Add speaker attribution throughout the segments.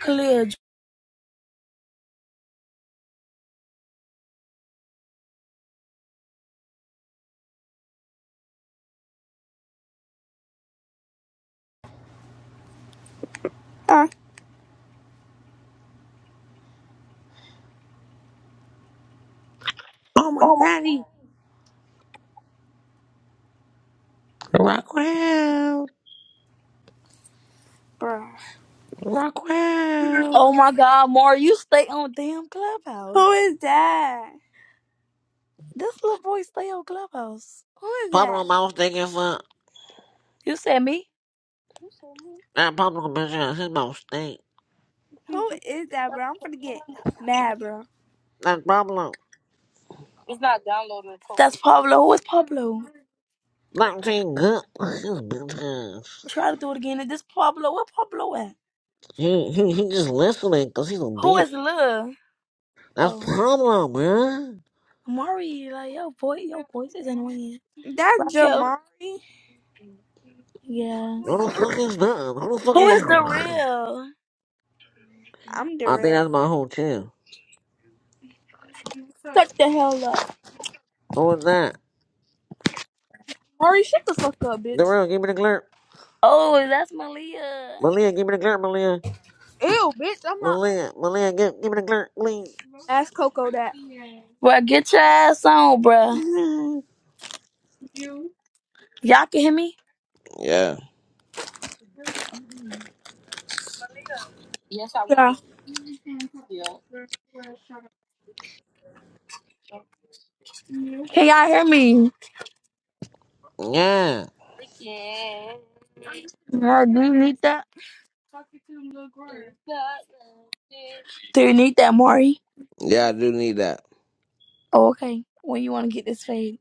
Speaker 1: Clear.
Speaker 2: Uh,
Speaker 3: Oh my
Speaker 2: oh,
Speaker 3: daddy. Rockwell.
Speaker 2: bro.
Speaker 3: Rockwell.
Speaker 1: Oh my God, Mar, you stay on damn Clubhouse.
Speaker 2: Who is that?
Speaker 1: This little boy stay on Clubhouse.
Speaker 2: Who is that?
Speaker 3: Pablo mouth stinking fuck.
Speaker 1: You said me?
Speaker 3: That Pablo bitch ass. His mouth stink.
Speaker 2: Who is that, bro? I'm gonna get mad, bro.
Speaker 3: That Pablo.
Speaker 1: It's not downloading. the post. That's Pablo. Who is Pablo?
Speaker 3: Not saying good. His bitch ass.
Speaker 1: Try to do it again. Is this Pablo? Where Pablo at?
Speaker 3: He, he, he just listening because he's a
Speaker 1: Who
Speaker 3: bitch.
Speaker 1: is Lil?
Speaker 3: That's
Speaker 1: Oh,
Speaker 3: Pablo, man.
Speaker 1: Mari. Like yo, boy, your voice is annoying.
Speaker 2: That's
Speaker 1: Raquel.
Speaker 2: Jamari,
Speaker 1: Yeah.
Speaker 3: Who the fuck is that? Who the fuck
Speaker 1: Who
Speaker 3: is
Speaker 2: his.
Speaker 1: is the
Speaker 3: you?
Speaker 1: real?
Speaker 2: I'm
Speaker 3: I think
Speaker 2: derailed.
Speaker 3: that's my whole chill.
Speaker 4: Shut the hell up.
Speaker 3: Who was that?
Speaker 4: Mari. shut the fuck up, bitch.
Speaker 3: Darrell, give me the glurp.
Speaker 1: Oh, that's Malia.
Speaker 3: Malia, give me the glurp, Malia.
Speaker 4: Ew, bitch, I'm not.
Speaker 3: Malia, Malia, give, give me the glurp, please.
Speaker 4: Ask Coco that.
Speaker 1: Bruh, get your ass on, bruh. Y'all can hear me?
Speaker 3: yeah.
Speaker 4: Yeah.
Speaker 1: Can y'all hear me?
Speaker 3: Yeah.
Speaker 1: Mar, do you need that? Do you need that, Mari?
Speaker 3: Yeah, I do need that.
Speaker 1: Oh, okay. When you want to get this fade?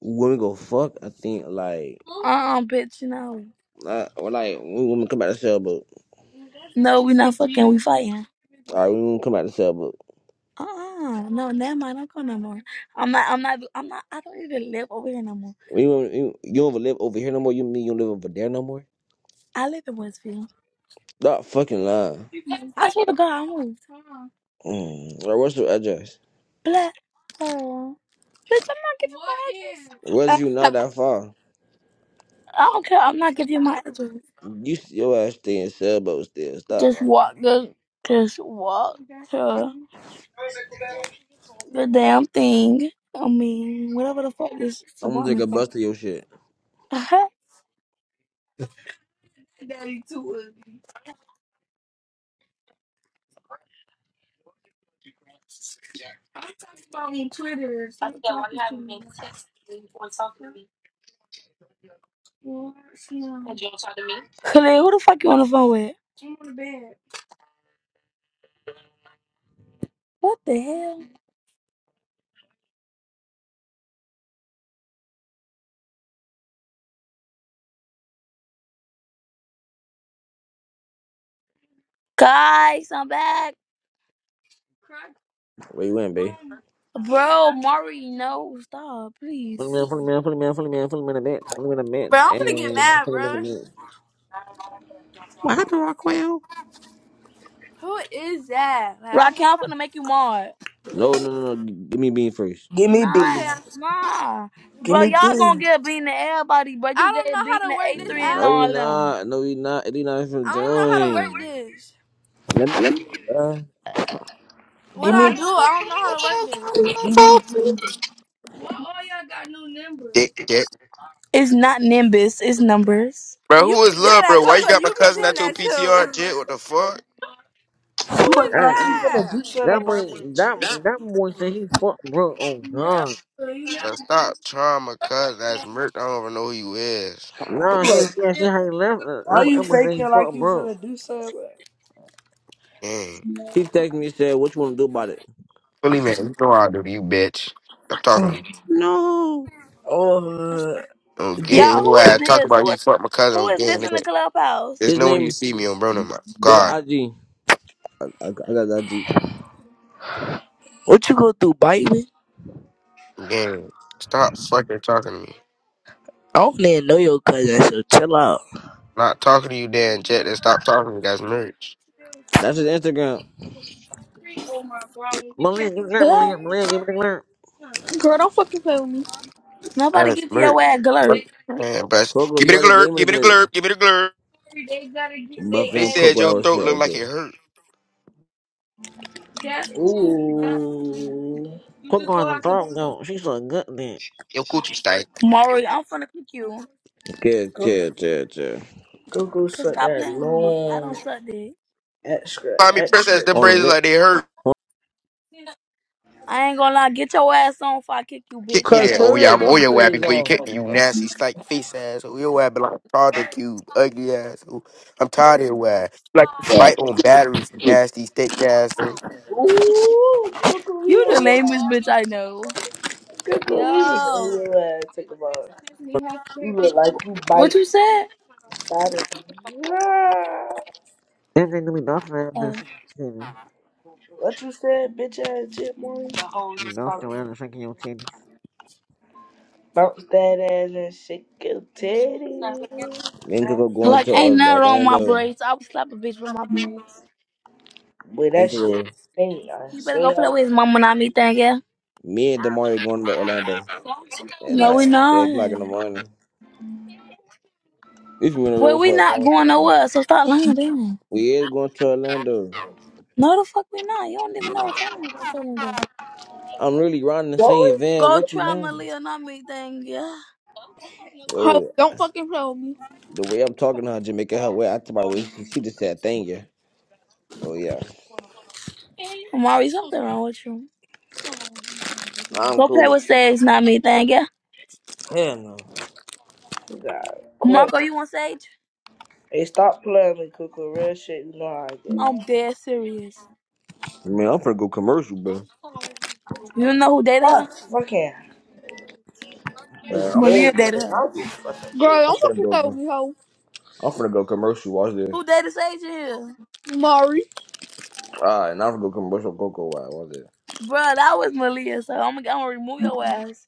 Speaker 3: Women go fuck. I think like,
Speaker 1: Uh uh bitch, no.
Speaker 3: uh, or like when women come out the sailboat.
Speaker 1: No, we not fucking. We fighting.
Speaker 3: All right, when women come out the sailboat.
Speaker 1: Uh uh No, never mind. I'm going no more. I'm not. I'm not. I'm not. I don't even live over here no more.
Speaker 3: When you, you, you don't even live over here no more. You mean you don't live over there no more?
Speaker 1: I live in Westfield.
Speaker 3: Not fucking lying.
Speaker 1: I swear to God, I moved.
Speaker 3: Mm. Or what's your address?
Speaker 1: Black girl. Bitch, I'm not giving my address.
Speaker 4: Uh,
Speaker 3: Was you not that far?
Speaker 1: I don't care. I'm not giving you my address.
Speaker 3: You s- your ass stay in sailboat still. Stop
Speaker 1: Just
Speaker 3: lying.
Speaker 1: walk the. Just walk to The damn thing. I mean, whatever the fuck this
Speaker 3: I'm gonna take a
Speaker 1: apartment
Speaker 3: bus to your shit.
Speaker 1: called. Khalid, who the fuck you on the phone with? What the hell? Guys, I'm back.
Speaker 3: Where you went, babe?
Speaker 1: Bro, Mari, no, stop, please.
Speaker 3: Funny man, funny man, funny man, funny man, funny man, a bitch, funny man, a bitch,
Speaker 2: Bro, I'm
Speaker 3: and
Speaker 2: gonna get mad,
Speaker 3: funny man, a
Speaker 2: bro.
Speaker 3: bitch. What happened, Rockwell?
Speaker 2: Who is that? Like, I don't got
Speaker 1: Raquel, I'm
Speaker 2: time.
Speaker 1: finna make you mad.
Speaker 3: No, no, no, no. Give me bean first.
Speaker 5: Give me
Speaker 1: Nah,
Speaker 2: Okay,
Speaker 5: B.
Speaker 1: nah.
Speaker 5: Give
Speaker 1: Bro,
Speaker 5: me
Speaker 1: y'all
Speaker 5: B.
Speaker 1: gonna get bean to everybody, bro.
Speaker 2: I
Speaker 1: You
Speaker 2: don't
Speaker 1: get
Speaker 2: know
Speaker 1: bean
Speaker 2: how
Speaker 1: to
Speaker 2: to work this
Speaker 1: A3
Speaker 3: Mm,
Speaker 1: and
Speaker 2: app.
Speaker 3: No, we
Speaker 1: all them.
Speaker 3: not. No, we not. It is not even
Speaker 2: I don't know how to
Speaker 3: join.
Speaker 2: work this.
Speaker 3: Let me get it, bro.
Speaker 5: Give
Speaker 2: What I
Speaker 5: me. You
Speaker 2: do, I don't know how to work this.
Speaker 6: Dick, dick.
Speaker 1: It's not Nimbus, it's numbers.
Speaker 6: Bro,
Speaker 2: You
Speaker 6: who
Speaker 2: be
Speaker 6: is
Speaker 2: saying
Speaker 6: love,
Speaker 2: that,
Speaker 6: bro? Why you
Speaker 2: Coco.
Speaker 6: got my
Speaker 2: You be
Speaker 6: cousin
Speaker 2: saying
Speaker 6: at your
Speaker 2: that too.
Speaker 6: PTR, Jit? What the fuck?
Speaker 2: Who is
Speaker 5: acting like
Speaker 3: That,
Speaker 5: you finna
Speaker 2: that?
Speaker 5: do something
Speaker 3: that
Speaker 5: about
Speaker 3: boy,
Speaker 5: that G.
Speaker 3: that that boy said he fucked bro. Oh God.
Speaker 6: Bro, stop trying my cousin. That's Merc. I don't even know who you is.
Speaker 3: Nah,
Speaker 5: Like,
Speaker 3: she said she ain't left. Uh,
Speaker 5: are
Speaker 3: That, that
Speaker 5: you
Speaker 3: boy said he
Speaker 5: faking like
Speaker 3: fucked
Speaker 5: you
Speaker 3: bro.
Speaker 5: finna do something? Like,
Speaker 6: Dang.
Speaker 3: He texted me and said, "What you want to do about it?"
Speaker 6: Fully man, you know I do to you, bitch. I'm talking
Speaker 3: No.
Speaker 5: Oh, uh,
Speaker 6: on
Speaker 5: J-
Speaker 6: gay.
Speaker 1: Y'all,
Speaker 6: Anyway,
Speaker 1: who is
Speaker 6: I talk
Speaker 1: this?
Speaker 6: about
Speaker 1: Who
Speaker 6: you
Speaker 1: is
Speaker 6: fuck my cousin
Speaker 1: who
Speaker 6: on
Speaker 1: is
Speaker 6: gay,
Speaker 1: this in
Speaker 6: nigga.
Speaker 1: the clubhouse?
Speaker 6: There's
Speaker 3: His
Speaker 6: no one you
Speaker 3: name.
Speaker 6: see me on, bro. No, my
Speaker 3: Go to
Speaker 6: God.
Speaker 3: IG. I, I got the IG.
Speaker 5: what you go through, bite me?
Speaker 6: Gang. Stop fucking talking to me.
Speaker 5: I don't even know your cousin, so chill out.
Speaker 6: Not talking to you, Dan Jet, and stop talking to me. That's merch.
Speaker 3: That's his Instagram. Malin, give me the glare.
Speaker 1: Hello?
Speaker 3: Malin, Malin, give me the glare.
Speaker 4: girl, don't fucking play with me.
Speaker 1: Nobody
Speaker 6: That's
Speaker 1: give
Speaker 6: merch.
Speaker 1: your ass glurp.
Speaker 6: Fucking Man, best.
Speaker 3: Coco,
Speaker 6: Give
Speaker 3: you
Speaker 6: me the
Speaker 3: already
Speaker 6: glurp.
Speaker 3: gave me the
Speaker 6: Give me the
Speaker 3: glare.
Speaker 6: glurp. Give me the glurp. They
Speaker 3: Buffin,
Speaker 6: said
Speaker 3: Coco, I
Speaker 6: your
Speaker 3: was
Speaker 6: throat
Speaker 3: shit.
Speaker 6: looked like
Speaker 3: Okay.
Speaker 6: it hurt.
Speaker 5: Ooh,
Speaker 3: Coco has a throat goat. She's so good then.
Speaker 6: Your coochie stank.
Speaker 1: Mari, I'm finna kick you.
Speaker 3: Okay, chill, chill, chill.
Speaker 5: go go
Speaker 1: Cause
Speaker 5: suck
Speaker 1: stop
Speaker 5: that
Speaker 1: playing with me. I
Speaker 5: long
Speaker 1: don't suck dick.
Speaker 5: extra
Speaker 6: Find me princess,
Speaker 5: extra
Speaker 6: them
Speaker 3: On a
Speaker 6: braids
Speaker 5: dick.
Speaker 6: look
Speaker 3: good.
Speaker 6: like they hurt.
Speaker 1: I ain't gonna lie, get your ass on if I kick you, bitch.
Speaker 6: Kick me
Speaker 7: Cause
Speaker 1: Shut
Speaker 6: there.
Speaker 1: up.
Speaker 6: Oh yeah,
Speaker 7: Perio
Speaker 6: I'm oh yeah
Speaker 7: replay
Speaker 6: wappy
Speaker 7: is
Speaker 6: before you
Speaker 7: on.
Speaker 6: kick me, you nasty stank face ass. Oh yeah wappy like Project Cube, ugly ass. Oh, I'm tired of your ass. Like bite on batteries, you nasty stick ass.
Speaker 5: Ooh, Google he
Speaker 1: You the
Speaker 5: over there.
Speaker 1: lamest bitch I know.
Speaker 5: Coco, he was
Speaker 1: Yo,
Speaker 5: over there. Talk about it. you look like you
Speaker 1: what
Speaker 5: bite
Speaker 1: you said?
Speaker 5: That is Yeah.
Speaker 3: That they gonna be bouncing around and
Speaker 1: Oh.
Speaker 3: shaking your titties.
Speaker 5: what you said, bitch ass jit morning.
Speaker 3: You bouncing around and shaking your titties.
Speaker 5: Bounce that ass and shake your titty.
Speaker 3: Me and going
Speaker 1: Like,
Speaker 3: to
Speaker 1: ain't
Speaker 3: Or-
Speaker 1: nothing wrong with my
Speaker 3: Orlando. Me
Speaker 1: braids. I would slap a bitch with my braids.
Speaker 5: Boy, that
Speaker 3: and Coco,
Speaker 5: shit funny, I
Speaker 1: You better go
Speaker 5: swear.
Speaker 1: play with his mama, not me, thing, yeah?
Speaker 3: me and Damari going to Orlando at
Speaker 1: No,
Speaker 3: like
Speaker 1: we
Speaker 3: three o'clock in the
Speaker 1: not.
Speaker 3: morning. We've been on the
Speaker 1: Well,
Speaker 3: road
Speaker 1: we
Speaker 3: for a
Speaker 1: not
Speaker 3: long
Speaker 1: going
Speaker 3: time.
Speaker 1: nowhere, so stop lying down.
Speaker 3: We is going to Orlando.
Speaker 1: No, the fuck we not. You don't even know what time we're telling them. though.
Speaker 3: I'm really riding the
Speaker 5: Boy,
Speaker 3: same van
Speaker 1: Go
Speaker 3: with you
Speaker 1: try
Speaker 3: now.
Speaker 1: Malia, not me, thing, yeah?
Speaker 4: Ho,
Speaker 3: Oh,
Speaker 4: don't fucking play with me.
Speaker 3: the way I'm talking to her, just making her way. I by the way, she, she just said thank you. Oh yeah,
Speaker 1: Amari, something wrong with you.
Speaker 3: nah, I'm
Speaker 1: Go play
Speaker 3: cool.
Speaker 1: with Sage, not me, thing, yeah?
Speaker 3: Hell no.
Speaker 5: you got quit.
Speaker 1: Marco, you want Sage?
Speaker 5: Hey, stop playing with me, Cuckoo. Real shit, you know how I
Speaker 1: I'm
Speaker 5: get.
Speaker 1: dead serious.
Speaker 3: Man, I'm finna go commercial, bro.
Speaker 1: You know who dated her?
Speaker 5: Fuck, fucking.
Speaker 3: Man,
Speaker 5: It's
Speaker 3: I'm,
Speaker 1: Malia
Speaker 5: dead, bro.
Speaker 1: dated her.
Speaker 5: I'll be fucking
Speaker 4: Girl,
Speaker 5: shit.
Speaker 3: I'm
Speaker 4: don't
Speaker 3: finna
Speaker 4: fucking play with
Speaker 3: go.
Speaker 4: me, ho.
Speaker 3: I'm finna go commercial. Watch this.
Speaker 1: Who dated Sage in here?
Speaker 4: Mari.
Speaker 3: Ah, and I was gonna commercial Coco Why was it?
Speaker 1: Bruh, that was Malia, so I'm gonna, I'm gonna remove your ass.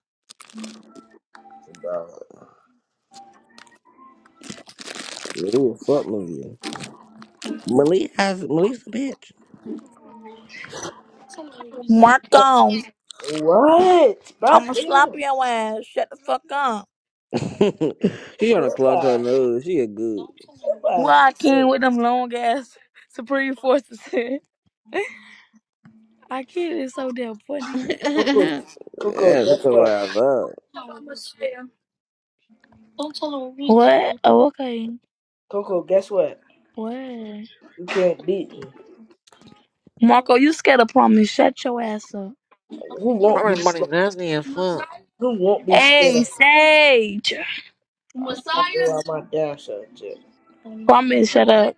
Speaker 3: Malia fuck Malia. Malia has Malia's a bitch.
Speaker 1: Mark on.
Speaker 5: What? Bro,
Speaker 1: I'm gonna slap
Speaker 5: damn.
Speaker 1: your ass. Shut the fuck up.
Speaker 3: she
Speaker 5: Cuckoo,
Speaker 3: on a clock her
Speaker 5: that
Speaker 3: nose. She a good.
Speaker 5: ass
Speaker 1: Why I
Speaker 5: is good.
Speaker 1: came with them long ass Supreme Forces? I kid is so damn funny.
Speaker 5: Coco,
Speaker 3: Mhm.
Speaker 5: Coco,
Speaker 3: Yeah, that's
Speaker 5: guess
Speaker 3: the
Speaker 5: what?
Speaker 3: way I love.
Speaker 1: What? Oh, okay.
Speaker 5: Coco, guess what?
Speaker 1: What?
Speaker 5: You can't beat me.
Speaker 1: Marco, you scared of promise. Shut your ass up.
Speaker 5: Who won't be
Speaker 3: Probably money,
Speaker 5: slow?
Speaker 3: nasty as fuck.
Speaker 5: Who won't be scared
Speaker 1: Hey,
Speaker 5: of her?
Speaker 1: Sage.
Speaker 5: I shop around my damn self too.
Speaker 1: Promise, shut up.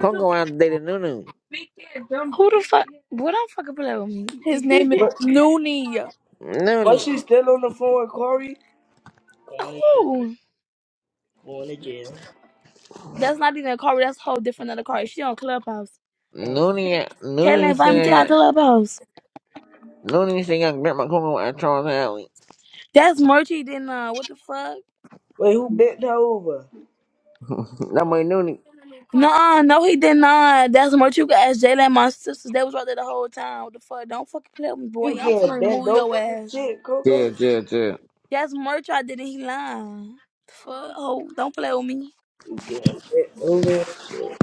Speaker 3: Coco out dated Nunu.
Speaker 1: Who the fuck? Boy, don't fucking play with
Speaker 4: His
Speaker 1: me.
Speaker 4: name is
Speaker 5: But
Speaker 4: Noonie.
Speaker 5: but
Speaker 3: Nunu.
Speaker 5: she's still on the phone with Corey. Going to jail.
Speaker 1: Cool.
Speaker 5: Going to jail.
Speaker 1: That's not even a car. That's a whole different other car. She on Clubhouse.
Speaker 3: Nunu.
Speaker 1: Caitlyn
Speaker 3: Nunu
Speaker 1: invited me to our
Speaker 3: said.
Speaker 1: Clubhouse.
Speaker 3: Nunu said I grab my cocoa at Charles Alley.
Speaker 1: That's Merchie did not. What the fuck?
Speaker 5: Wait, who bent her over?
Speaker 3: That boy Nunu.
Speaker 1: No, no, he did not. That's Merchie. You can ask Jalen and my sisters. They was right there the whole time. What the fuck? Don't fucking play with me,
Speaker 5: You
Speaker 1: boy. I'm
Speaker 5: getting
Speaker 1: finna
Speaker 5: bent
Speaker 1: remove
Speaker 5: over
Speaker 1: your
Speaker 5: and
Speaker 1: ass.
Speaker 5: shit, Coco?
Speaker 3: Yeah, yeah, yeah.
Speaker 1: That's Merchie. I didn't. He lying. The fuck? Oh, don't play with me,
Speaker 5: You getting bent over and shit?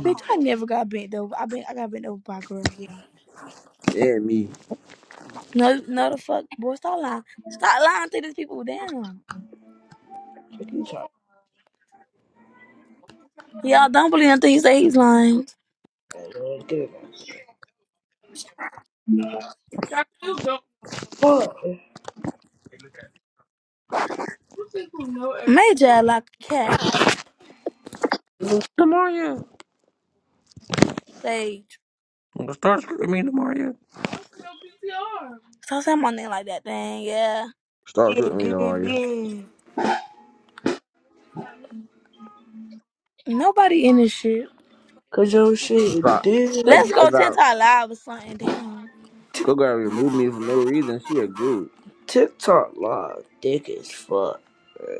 Speaker 1: bitch. I never got bent over. I been. I got bent over by a girl. Yeah.
Speaker 3: Yeah, me.
Speaker 1: No, no, the fuck, boy. Stop lying. Stop lying to these people. Damn.
Speaker 5: What you talking
Speaker 1: Y'all don't believe nothing he say. He's lying.
Speaker 5: about? Man? Get it man. Fuck.
Speaker 1: Major act like a cat
Speaker 5: Give me
Speaker 3: Demario.
Speaker 1: stage.
Speaker 3: I'm gonna start screaming Demario.
Speaker 1: So say my name like that dang, yeah.
Speaker 5: bean.
Speaker 3: You know,
Speaker 5: Give me
Speaker 3: Mario.
Speaker 5: bean.
Speaker 1: Nobody in this shit.
Speaker 5: Cause your
Speaker 3: If
Speaker 5: shit
Speaker 3: I,
Speaker 5: is
Speaker 3: if,
Speaker 1: Let's
Speaker 5: dead.
Speaker 1: go
Speaker 3: if I
Speaker 1: TikTok live or something. Damn.
Speaker 3: Go got removed me for no reason. She a goop.
Speaker 5: TikTok live. Dick as fuck.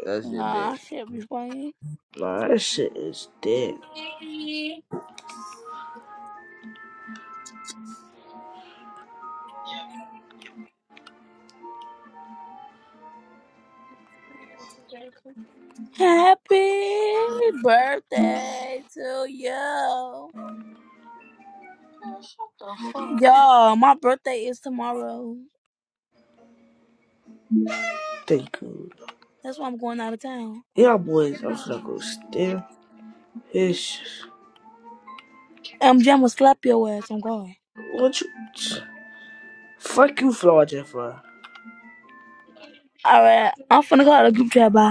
Speaker 3: That's your day.
Speaker 1: Nah, I should be playing.
Speaker 5: Nah, that shit is dead.
Speaker 1: Happy birthday to you. Y'all, my birthday is tomorrow.
Speaker 5: Thank you.
Speaker 1: That's why I'm going out of town.
Speaker 5: Yeah, boys, I'm finna go still. Ish.
Speaker 1: I'm gonna slap your ass. I'm going.
Speaker 5: What you. Fuck you, Florida, bro.
Speaker 1: All right, I'm finna call the group chat. Bye.